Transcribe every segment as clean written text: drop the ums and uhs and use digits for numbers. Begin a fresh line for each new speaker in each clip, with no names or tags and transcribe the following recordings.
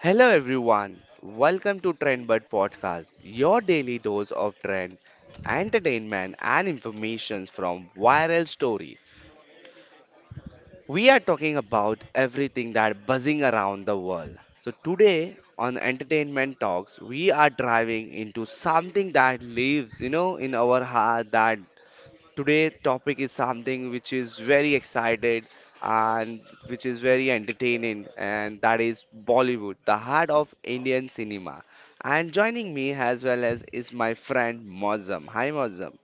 Hello everyone, welcome to Trendbird Podcast, your daily dose of trend, entertainment, and information from viral story. We are talking about everything that buzzing around the world. So today on Entertainment Talks, we are driving into something that lives, in our heart that Today topic is something which is very excited and which is very entertaining and that is Bollywood, the heart of Indian cinema. And joining me as well as is my friend Mozam. Hi Mozam.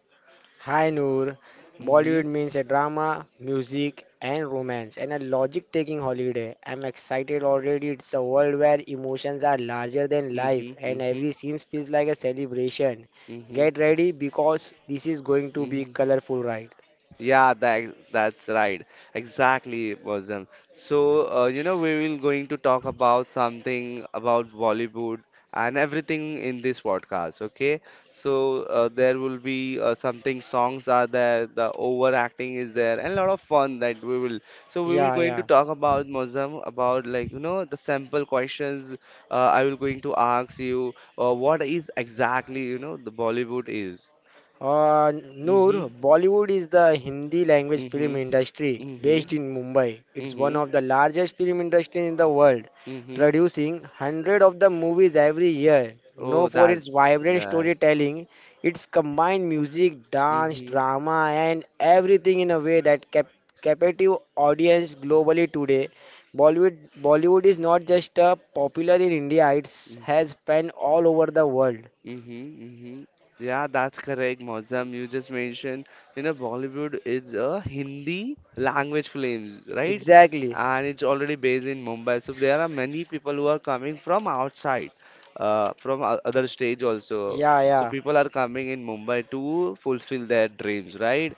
Hi Noor.
Mm-hmm.
Bollywood means a drama, music, and romance, and a logic taking holiday. I'm excited already. It's a world where emotions are larger than life,
Mm-hmm.
and
Mm-hmm.
every scene feels like a celebration. Get ready because this is going to be
Mm-hmm.
colorful, right?
Yeah, that's right. Exactly, Bosom. So, we will going to talk about something about Bollywood and everything in this podcast, okay? So, there will be something songs are there, the overacting is there, and a lot of fun that we will. So, we will
Yeah,
going to
yeah.
talk about Mozam about like the sample questions. I will going to ask you what is exactly the Bollywood is.
Noor,
Mm-hmm.
Bollywood is the Hindi language film
Mm-hmm.
industry
Mm-hmm.
based in Mumbai. It's one
Mm-hmm.
of the largest film industry in the world,
Mm-hmm.
producing hundred of the movies every year. Known
Oh,
for
that
its vibrant
right.
storytelling, its combined music, dance,
Mm-hmm.
drama, and everything in a way that captive audience globally today. Bollywood is not just popular in India; it has span all over the world.
Mm-hmm. Mm-hmm. Yeah, that's correct, Mozam. You just mentioned, Bollywood is a Hindi language films, right?
Exactly.
And it's already based in Mumbai. So there are many people who are coming from outside, from other stage also.
Yeah,
So
yeah.
people are coming in Mumbai to fulfill their dreams, right?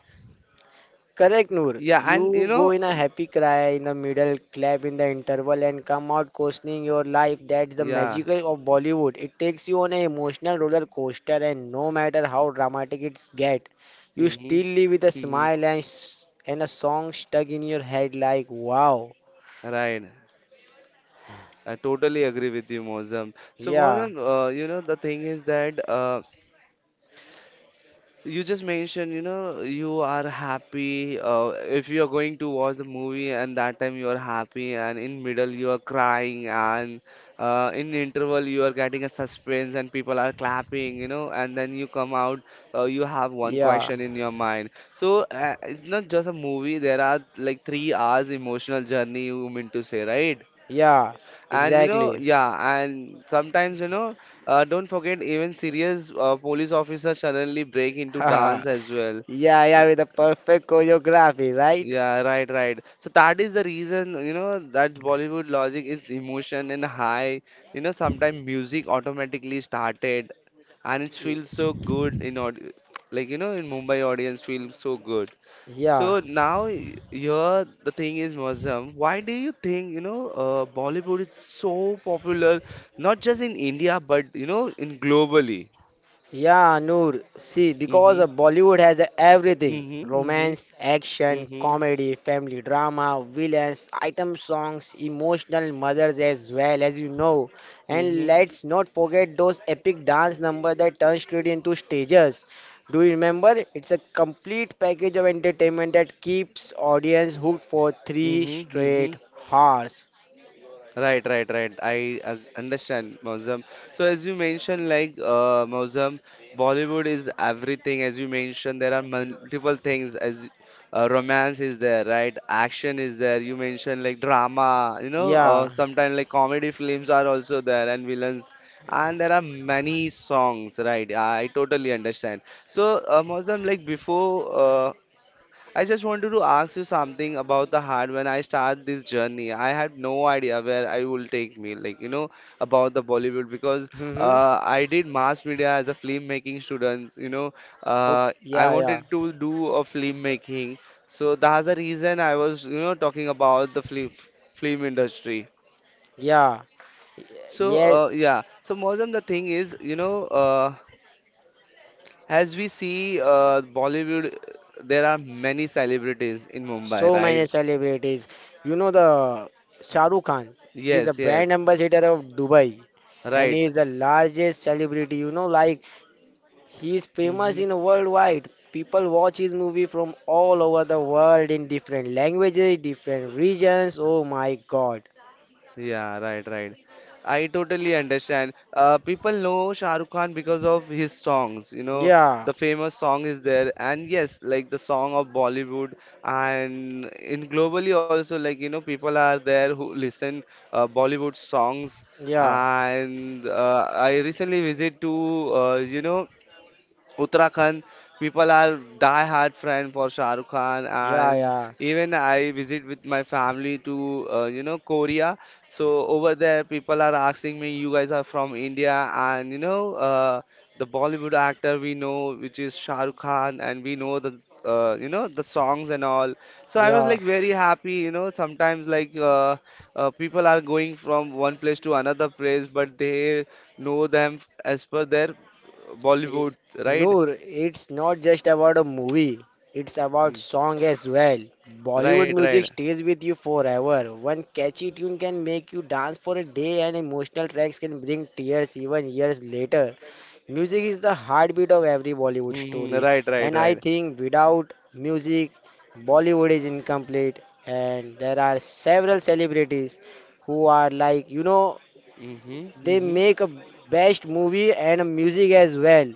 Correct, Noor.
Yeah, and
You go in a happy cry in the middle, clap in the interval, and come out questioning your life. That's the
yeah.
magical of Bollywood. It takes you on an emotional roller coaster, and no matter how dramatic it's get, you
Mm-hmm.
still leave with a
Mm-hmm.
smile and and a song stuck in your head like, wow,
Right. I totally agree with you, Mozam. So,
yeah,
Mozam, the thing is that you just mentioned, you are happy if you are going to watch the movie and that time you are happy and in middle you are crying and in interval you are getting a suspense and people are clapping, and then you come out, you have one
yeah,
question in your mind. So, it's not just a movie, there are like 3 hours emotional journey you mean to say, right?
yeah,
And
exactly,
yeah, and sometimes, don't forget even serious police officers suddenly break into dance as well.
yeah, yeah, with a perfect choreography, right?
Yeah, right, right. So that is the reason, that Bollywood logic is emotion and high. You know, sometimes music automatically started and it
Y-
feels so good in aud like in Mumbai audience feels so good.
Yeah.
So now here the thing is Muslim. Why do you think Bollywood is so popular, not just in India but in globally?
Yeah, Noor. See, because
Mm-hmm.
of Bollywood has everything:
Mm-hmm.
romance, action,
Mm-hmm.
comedy, family drama, villains, item songs, emotional mothers as well, as you know. And
Mm-hmm.
let's not forget those epic dance numbers that turn straight into stages. Do you remember? It's a complete package of entertainment that keeps audience hooked for three
Mm-hmm. Mm-hmm.
straight hours.
Right, right, right. I understand, Mausam. So as you mentioned, like Mausam, Bollywood is everything. As you mentioned, there are multiple things. As romance is there, right? Action is there. You mentioned like drama. You know,
Yeah.
sometimes like comedy films are also there and villains. And there are many songs, right? I totally understand. So, Mausam, like before I just wanted to ask you something about the heart. When I start this journey, I had no idea where I will take me, like about the Bollywood because
Mm-hmm.
I did mass media as a filmmaking student. You know,
Okay.
I
Yeah, yeah,
wanted to do a filmmaking, so that's the reason I was talking about the film industry.
yeah. Y-
So
Yes,
yeah, so Mozam, the thing is, as we see Bollywood, there are many celebrities in Mumbai,
so many
right?
celebrities. You know the Shah Rukh Khan. He is a
Yes, yes,
brand ambassador of Dubai, and
right.
he is the largest celebrity. You know, like he is famous
Hmm.
in worldwide. People watch his movie from all over the world in different languages, different regions. Oh my God!
Yeah, right, right. I totally understand. People know Shah Rukh Khan because of his songs. You know,
Yeah,
the famous song is there, and yes, like the song of Bollywood, and in globally also, like people are there who listen Bollywood songs.
yeah,
And I recently visit to Uttarakhand, people are die-hard friend for Shah Rukh Khan,
yeah,
and
yeah,
even I visit with my family to Korea. So over there, people are asking me, "You guys are from India?" And the Bollywood actor we know, which is Shah Rukh Khan, and we know the the songs and all. So I was
yeah.
like very happy. You know sometimes like people are going from one place to another place, but they know them as per their
Eh,
Bollywood, right?
Noor, it's not just about a movie, it's about
Mm.
song as well.
Right,
Bollywood
right.
music stays with you forever. One catchy tune can make you dance for a day, and emotional tracks can bring tears even years later. Music is the heartbeat of every Bollywood
Mm-hmm,
story,
right, right,
and
right.
I think without music, Bollywood is incomplete. And there are several celebrities who are, like, you know,
Mm. Mhm. Mm.
they
Mhm.
make a best movie and a music as well.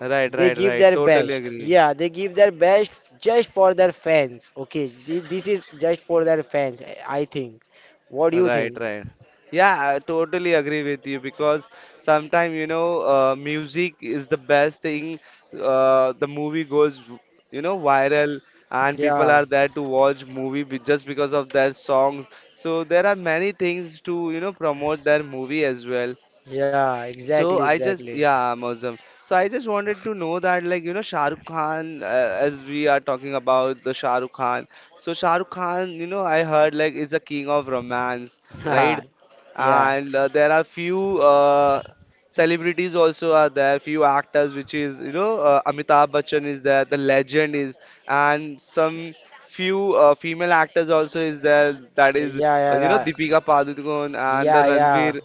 Right,
They
right,
give
right.
their
Totally
best.
agree.
Yeah, they give their best just for their fans. Okay, this is just for their fans, I think. What do you
Right,
think?
right. Yeah, I totally agree with you because sometimes, music is the best thing. The movie goes, viral and people
Yeah,
are there to watch movie just because of their songs. So there are many things to, promote their movie as well.
yeah, exactly,
So I just
exactly.
yeah, Muslim. So I just wanted to know that like Shah Rukh Khan as we are talking about the Shah Rukh Khan. So Shah Rukh Khan, I heard like is a king of romance,
yeah,
right?
yeah,
And there are few celebrities also are there, few actors which is Amitabh Bachchan is there, the legend is, and some few female actors also is there that is
yeah, yeah,
Deepika Padukone and the
yeah, yeah.
Ranveer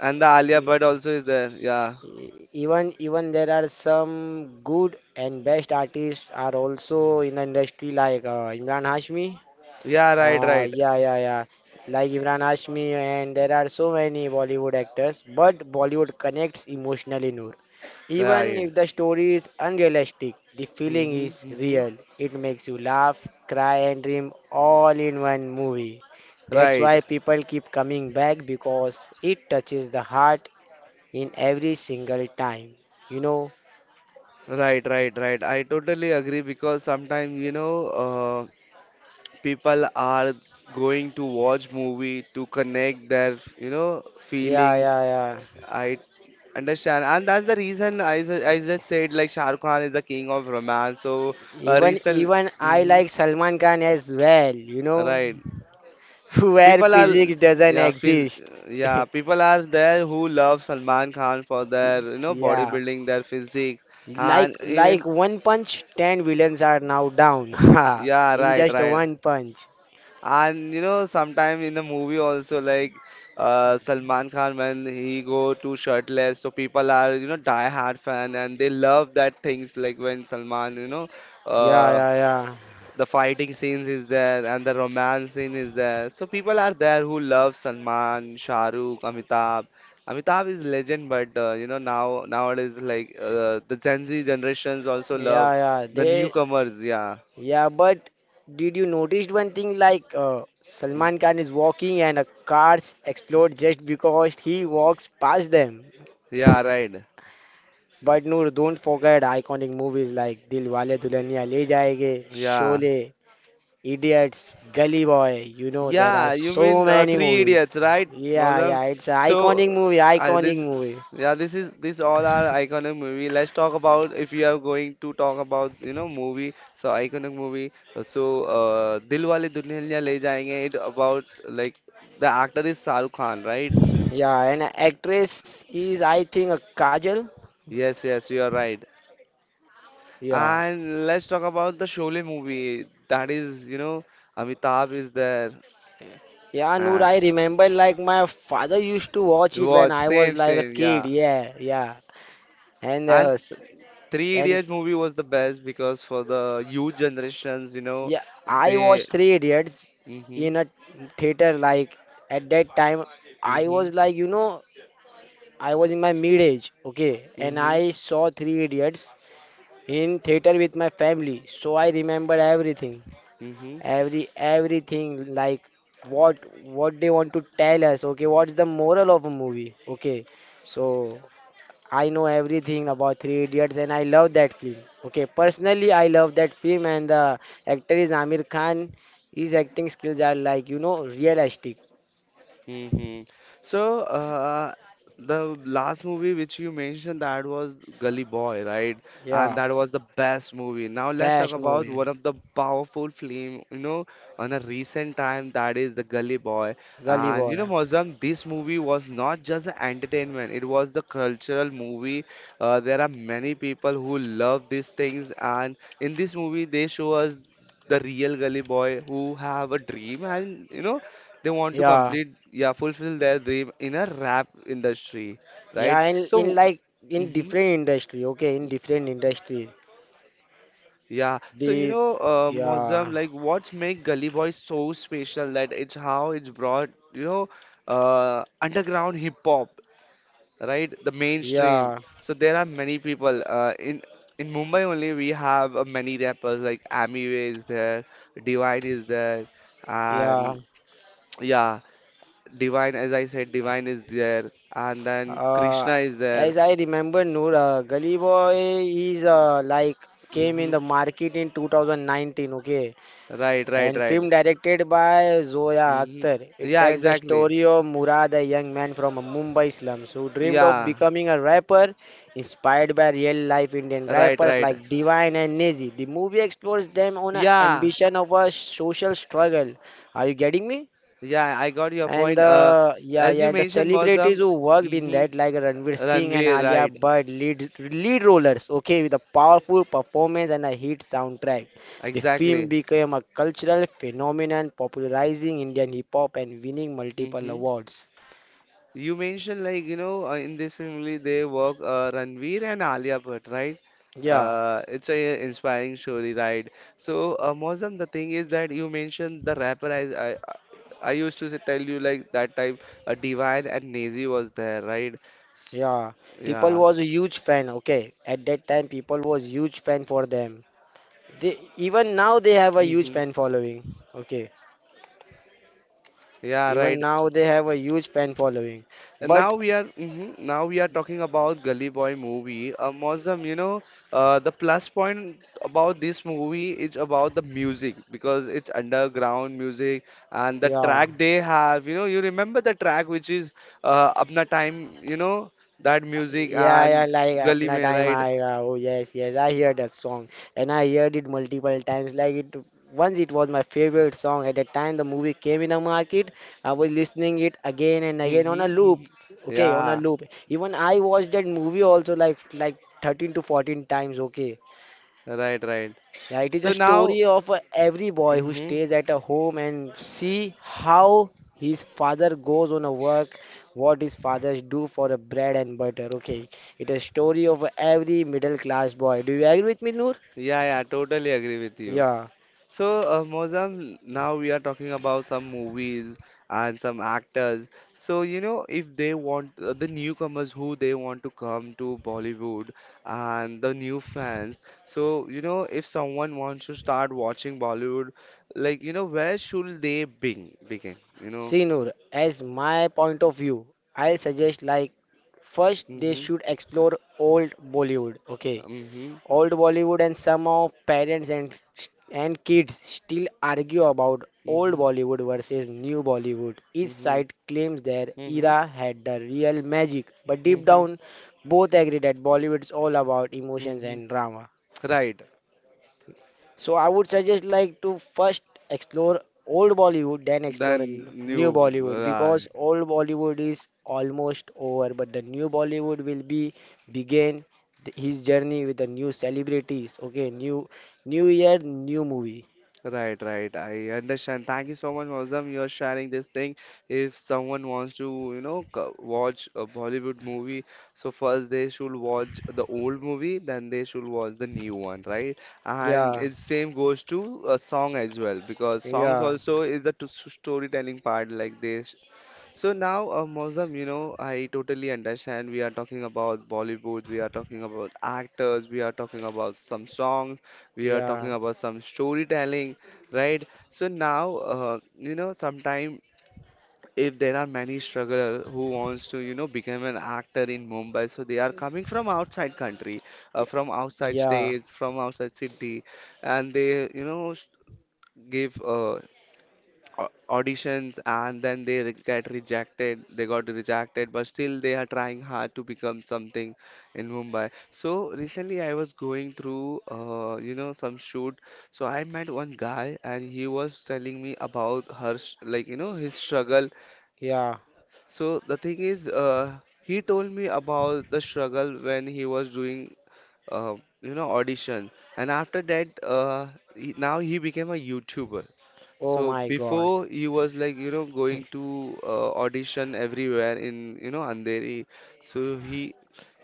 and the Alia Bhatt also is there. Yeah.
Even there are some good and best artists are also in the industry like Imran Hashmi.
Yeah, right, right.
Yeah, yeah, yeah. Like Imran Hashmi, and there are so many Bollywood actors, but Bollywood connects emotionally, Noor. Even
Right.
if the story is unrealistic, the feeling
Mm-hmm,
is
mm-hmm.
real. It makes you laugh, cry, and dream all in one movie. That's why
Right.
people keep coming back because it touches the heart in every single time. You know?
Right, right, right. I totally agree because sometimes, uh, people are going to watch movie to connect their,
Yeah,
feelings.
yeah, yeah.
I understand. And that's the reason I just said like Shah Rukh Khan is the king of romance. So
Even
recent,
even I
hmm,
like Salman Khan as well, you know?
right.
where
People are
physics doesn't
yeah, phys
exist.
yeah, people are there who love Salman Khan for their
yeah,
bodybuilding, their physique,
like
and even
like one punch, ten villains are now down.
yeah,
in
right,
just
right.
one punch.
And you know, sometime in the movie also like Salman Khan when he go to shirtless, so people are die hard fan and they love that things like when Salman
Yeah,
uh,
yeah, yeah,
the fighting scenes is there and the romance scene is there so people are there who love salman shah rukh amitabh is legend but now nowadays like the gen z generations also
yeah,
love
yeah.
the
They,
newcomers yeah.
yeah, but did you notice one thing? Like
Hmm.
Salman Khan is walking and a cars explode just because he walks past them.
Yeah, right.
But no, don't forget iconic movies like Dil Wale Dulhaniya Le Jayenge,
Yeah.
Sholay, Idiots, Gully Boy, you know there are
Yeah, you
so
mean
many
Three
movies.
Idiots, right,
Yeah,
Mozam?
yeah, it's an
So,
iconic movie,
uh,
iconic
this,
movie.
yeah, this is this all are iconic movie. Let's talk about if you are going to talk about movie, so iconic movie. So, Dilwale Dulhania Le Jayenge. It about like the actor is Shahrukh Khan, right?
Yeah, and actress is I think a Kajal.
Yes, yes, you are right.
Yeah.
And let's talk about the Sholay movie. That is, Amitabh is there.
Yeah, Noor,
Ah,
I remember like my father used to watch it when
watch,
I was
same,
like a
same, yeah.
kid. Yeah, yeah. And
And Three
and
Idiots movie was the best because for the youth generations,
yeah, I
they.
watched Three Idiots
Hmm.
in a theater like at that time I
Hmm.
was like, you know, I was in my mid age, okay, and
Hmm.
I saw Three Idiots in theater with my family, so I remember everything,
Hmm.
everything like what what they want to tell us, okay, what's the moral of a movie, okay, so I know everything about Three Idiots and I love that film, okay, personally I love that film, and the actor is Amir Khan. His acting skills are, like, you know, realistic.
Hmm. So, the last movie which you mentioned that was Gully Boy, right? And
Yeah,
that was the best movie. Now let's talk
best
about
movie,
one of the powerful film, on a recent time that is the Gully Boy.
Gully
And you know,
Boy.
Mozam, this movie was not just the entertainment; it was the cultural movie. There are many people who love these things, and in this movie, they show us the real gully boy who have a dream and they want to
Yeah,
complete yeah fulfill their dream in a rap industry right
yeah, in
so
like in
hmm
different industry, okay, in different industry.
yeah so
The
Mozam
yeah,
like what make Gully Boys so special that it's how it's brought underground hip hop right the mainstream
yeah,
so there are many people in Mumbai only we have many rappers like Amiway is there Divine is there
yeah.
and yeah divine as I said divine is there and then
Uh,
krishna is there
as I remember, Noor, Gully Boy is like came in
hmm
the market in 2019, okay,
right right
and
right
film directed by Zoya
hmm
Akhtar. It
yeah
tells the
exactly
story of Murad, a young man from a Mumbai slums who dreamed of
yeah
becoming a rapper, inspired by real-life Indian
right
rappers
right
like Divine and Nazi. The movie explores them on an
yeah
ambition of a social struggle. Are you getting me?
yeah I got your
And
point
the yeah,
as
yeah,
you
and the
mentioned
celebrities
Mozam,
who worked in
hmm
that, like Ranveer Singh and
ranveer
Alia
right
Bhatt, lead rollers, okay, with a powerful performance and a hit soundtrack. The
exactly
film became a cultural phenomenon, popularizing Indian hip hop and winning multiple
hmm.
awards.
You mentioned like in this family they work Ranveer and Alia Bhatt, right?
Yeah,
It's a inspiring story, right? So Mozam, the thing is that you mentioned the rapper. I used to say, tell you like that time Divine and Nazi was there, right? S-
yeah. People
Yeah.
was a huge fan, okay. At that time, people was huge fan for them. They, even now they have a huge
Hmm.
fan following, okay.
Yeah,
Even
right.
now they have a huge fan following.
And
But
now we are mhm, now we are talking about Gully Boy movie. Mozam, the plus point about this movie is about the music because it's underground music and the
yeah.
track they have. You know, you remember the track which is Apna Time. You know that music
Yeah, yeah,
and
like
Gully
Apna
Mein,
Time
right?
Aayega. Oh yes, yes, I hear that song, and I heard it multiple times. Like it, once it was my favorite song. At the time the movie came in the market, I was listening it again and again on a
Mm-hmm.
loop.
Mm-hmm.
Okay, on a
Yeah,
loop. Even I watched that movie also like 13 to 14 times. Okay,
right, right.
yeah, it is a
So now,
story of every boy who
hmm,
stays at a home and see how his father goes on a work, what his fathers do for a bread and butter. Okay, it is a story of every middle class boy. Do you agree with me, Noor?
yeah, yeah, totally agree with you.
Yeah.
So, Mozam, now we are talking about some movies and some actors. So, if they want the newcomers who they want to come to Bollywood and the new fans. So, if someone wants to start watching Bollywood, like, where should they begin? Begin, you know?
See, Noor, as my point of view, I suggest like first they
Mm-hmm.
should explore old Bollywood. Okay,
Mm-hmm.
old Bollywood, and some of parents and and kids still argue about old
Mm-hmm.
Bollywood versus new Bollywood. Each
Mm-hmm.
side claims their
Mm-hmm.
era had the real magic, but deep
Mm-hmm.
down, both agree that Bollywood is all about emotions
Mm-hmm.
and drama.
Right.
So I would suggest like to first explore old Bollywood, then explore a
Then
new
new.
Bollywood
uh,
because old Bollywood is almost over, but the new Bollywood will be begin his journey with the new celebrities. Okay, new new year, new movie.
Right, right. I understand. Thank you so much, Mozam. You're sharing this thing. If someone wants to, watch a Bollywood movie, so first they should watch the old movie, then they should watch the new one, right? And
Yeah,
it same goes to a song as well, because songs
yeah,
also is the storytelling part. Like they So now, Mozam, I totally understand. We are talking about Bollywood, we are talking about actors, we are talking about some songs, we are
yeah,
talking about some storytelling, right? So now, sometime if there are many strugglers who wants to, become an actor in Mumbai, so they are coming from outside country,
yeah,
from outside
yeah,
states, from outside city, and they, give au- auditions, and then they get rejected, but still they are trying hard to become something in Mumbai. So recently I was going through some shoot, so I met one guy and he was telling me about his struggle.
yeah.
So the thing is he told me about the struggle when he was doing uh, audition. And after that now he became a YouTuber.
Oh
So
my God.
before he was like, going to audition everywhere in, Andheri. So he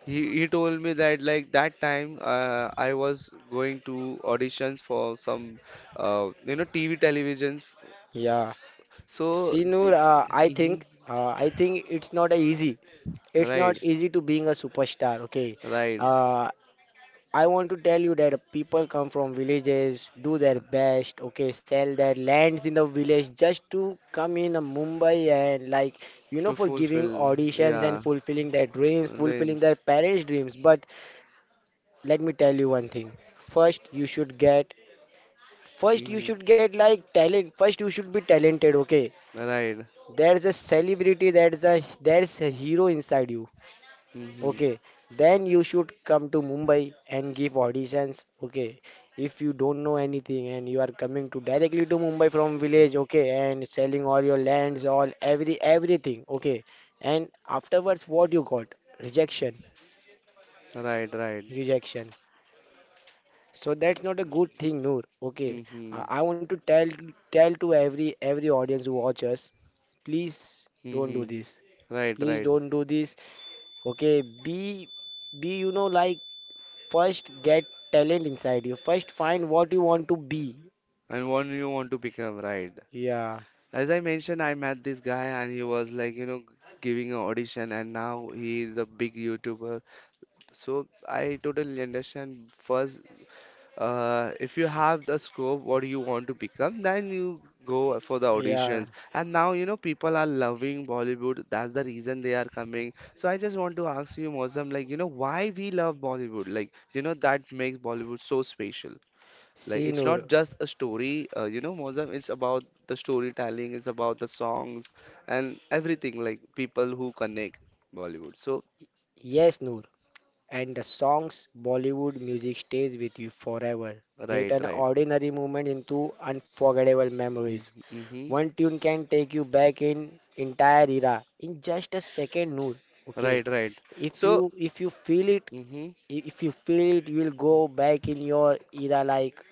he he told me that like that time I was going to auditions for some TV televisions.
Yeah.
So
See, Noor,
mhm,
I think it's not a easy, it's
right,
not easy to being a superstar, okay.
right
uh, I want to tell you that people come from villages, do their best, okay, sell their lands in the village just to come in a Mumbai and like you know
to
for giving
fulfill
auditions and
yeah
fulfilling their dreams, fulfilling
dreams.
their parents' dreams. But let me tell you one thing. First you should get first you should
Hmm.
get like talent. First you should be talented, okay?
Right.
There's a celebrity, there's a hero inside you.
Hmm.
Okay, then you should come to Mumbai and give auditions. Okay, if you don't know anything and you are coming to directly to Mumbai from village, okay, and selling all your lands, all everything, okay. And afterwards, what you got? Rejection,
Right, right.
rejection. So that's not a good thing, Noor. Okay,
Hmm.
I want to tell to every audience who watch us, please don't do
Hmm.
this.
Right,
Please
right.
don't do this. Okay, be you know like first, get talent inside you. First, find what you want to be.
And what you want to become, right?
Yeah,
As I mentioned, I met this guy and he was like, giving an audition, and now he is a big YouTuber. So I totally understand. First, if you have the scope, what you want to become, then you go for the
yeah.
auditions. And now, people are loving Bollywood. That's the reason they are coming. So I just want to ask you, Mosam, like, why we love Bollywood? Like, that makes Bollywood so special. Like
See,
it's not
Noor.
just a story, Mozam, it's about the storytelling, it's about the songs and everything, like people who connect Bollywood. So,
Yes, Noor. And the songs, Bollywood music stays with you forever. They
right,
turn
right.
ordinary moment into unforgettable memories.
Mm-hmm. Mm-hmm.
One tune can take you back in entire era in just a second, Noor. Okay.
Right, right.
If
So,
you if you feel it,
mm-hmm.
if you feel it, you will go back in your era like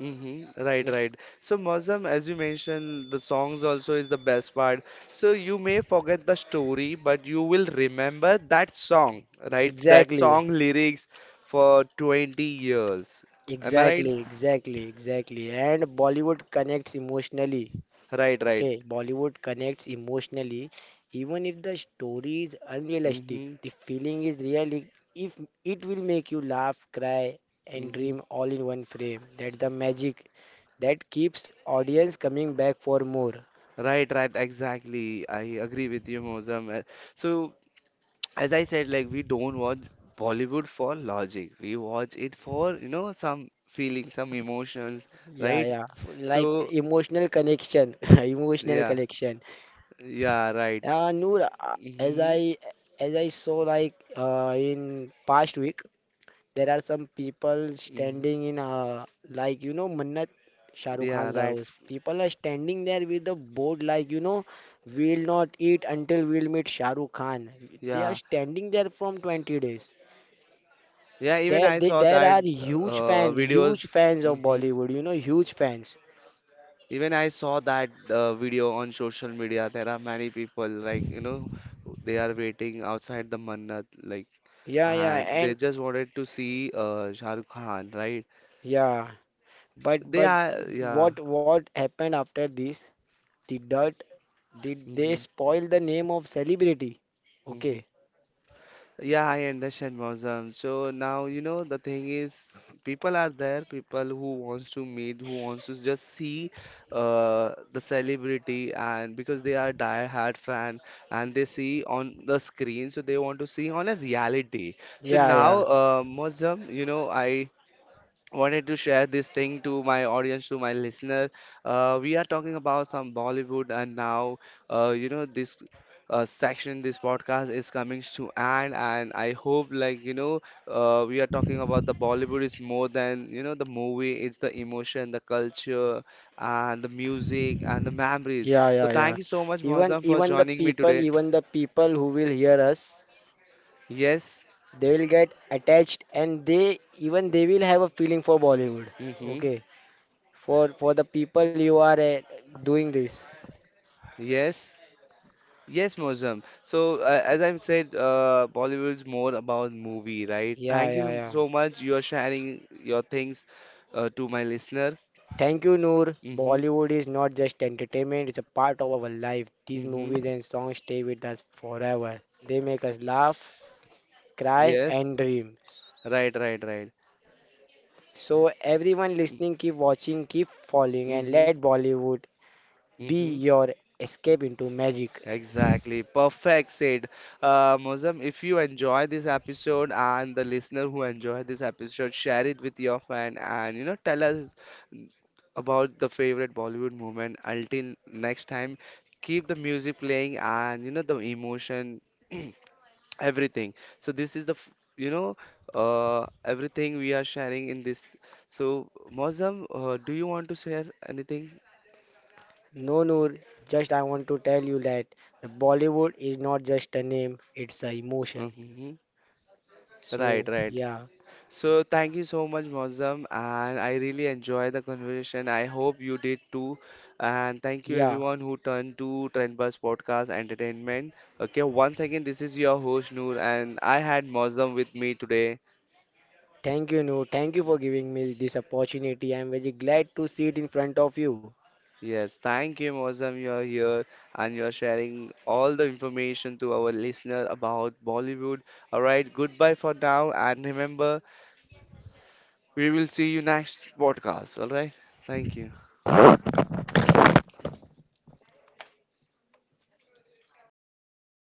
Mm-hmm. Right, right. So, Mozam, as you mentioned, the songs also is the best part. So, you may forget the story, but you will remember that song, right? That
exactly.
song lyrics for 20 years. Am I right?
Exactly, exactly, exactly. And Bollywood connects emotionally.
Right, right.
Okay, Bollywood connects emotionally. Even if the story is unrealistic,
Mm-hmm.
the feeling is real. If it will make you laugh, cry, and
Mhm.
dream all in one frame, that's the magic that keeps audience coming back for more.
Right, right, exactly. I agree with you, Mozam. So, as I said, like we don't watch Bollywood for logic. We watch it for, some feelings, some emotions,
Yeah,
right?
yeah. Like
So,
emotional connection, emotional
yeah,
connection.
yeah, right.
Yeah, Noor, uh, as
Mm-hmm.
I as I saw like in past week. There are some people
Hmm.
standing in, like, you know, Mannat, Shah Rukh
Yeah,
Khan's
right.
house. People are standing there with a board, like, you know, we'll not eat until we'll meet Shah Rukh Khan. They are
Yeah,
standing there from 20 days.
yeah. Even
There,
I
they,
saw
there
that
are huge fan,
videos.
huge fans of
Mm-hmm.
Bollywood, you know, huge fans.
Even I saw that video on social media. There are many people like they are waiting outside the Mannat, like,
Yeah, yeah,
and they
and
just wanted to see Shah Rukh Khan, right?
yeah,
They
but
are, yeah.
what happened after this? The dirt, did they
Hmm.
spoil the name of celebrity? Okay.
Yeah, I understand, Mausam. So now you know the thing is, people are there, people who wants to meet, who wants to just see the celebrity, and because they are die-hard fan and they see on the screen, so they want to see on a reality. So
Yeah,
now,
yeah.
Mausam, I wanted to share this thing to my audience, to my listener. We are talking about some Bollywood, and now, this section, this podcast is coming to end, and I hope, like, we are talking about the Bollywood is more than, the movie, it's the emotion, the culture, and the music, and the memories.
Yeah,
So,
yeah, yeah.
thank you so much,
Even
Mozam, for
even the
joining me
people,
today.
even the people who will hear us,
Yes.
they will get attached and they even they will have a feeling for Bollywood.
Mm-hmm.
Okay. For the people you are doing this.
Yes. Yes, Mosam. So, as I've said, Bollywood is more about movie, right?
Yeah,
Thank
yeah,
you
yeah.
so much. You are sharing your things to my listener.
Thank you, Noor.
Mm-hmm.
Bollywood is not just entertainment, it's a part of our life. These
Mm-hmm.
movies and songs stay with us forever. They make us laugh, cry,
Yes.
and dream.
Right, right, right.
So, everyone listening, keep watching, keep following, and
Mm-hmm.
let Bollywood be
Mm-hmm.
your escape into magic.
Exactly. Perfect said. Mozam, if you enjoy this episode and the listener who enjoyed this episode, share it with your friend and tell us about the favorite Bollywood moment. Until next time, keep the music playing and the emotion, everything. So this is everything we are sharing in this. So Mozam, do you want to share anything?
No, Noor, just I want to tell you that the Bollywood is not just a name, it's a emotion.
Hmm. Right,
So,
right.
yeah,
So thank you so much, Mozam, and I really enjoy the conversation. I hope you did too. And thank you
yeah.
everyone who turned to Trendbus Podcast Entertainment. Okay, once again, this is your host Noor, and I had Mozam with me today.
Thank you, Noor. Thank you for giving me this opportunity. I'm very glad to sit in front of you.
Yes, thank you, Mozam. You are here and you are sharing all the information to our listener about Bollywood. All right, goodbye for now, and remember, we will see you next podcast. All right, thank you.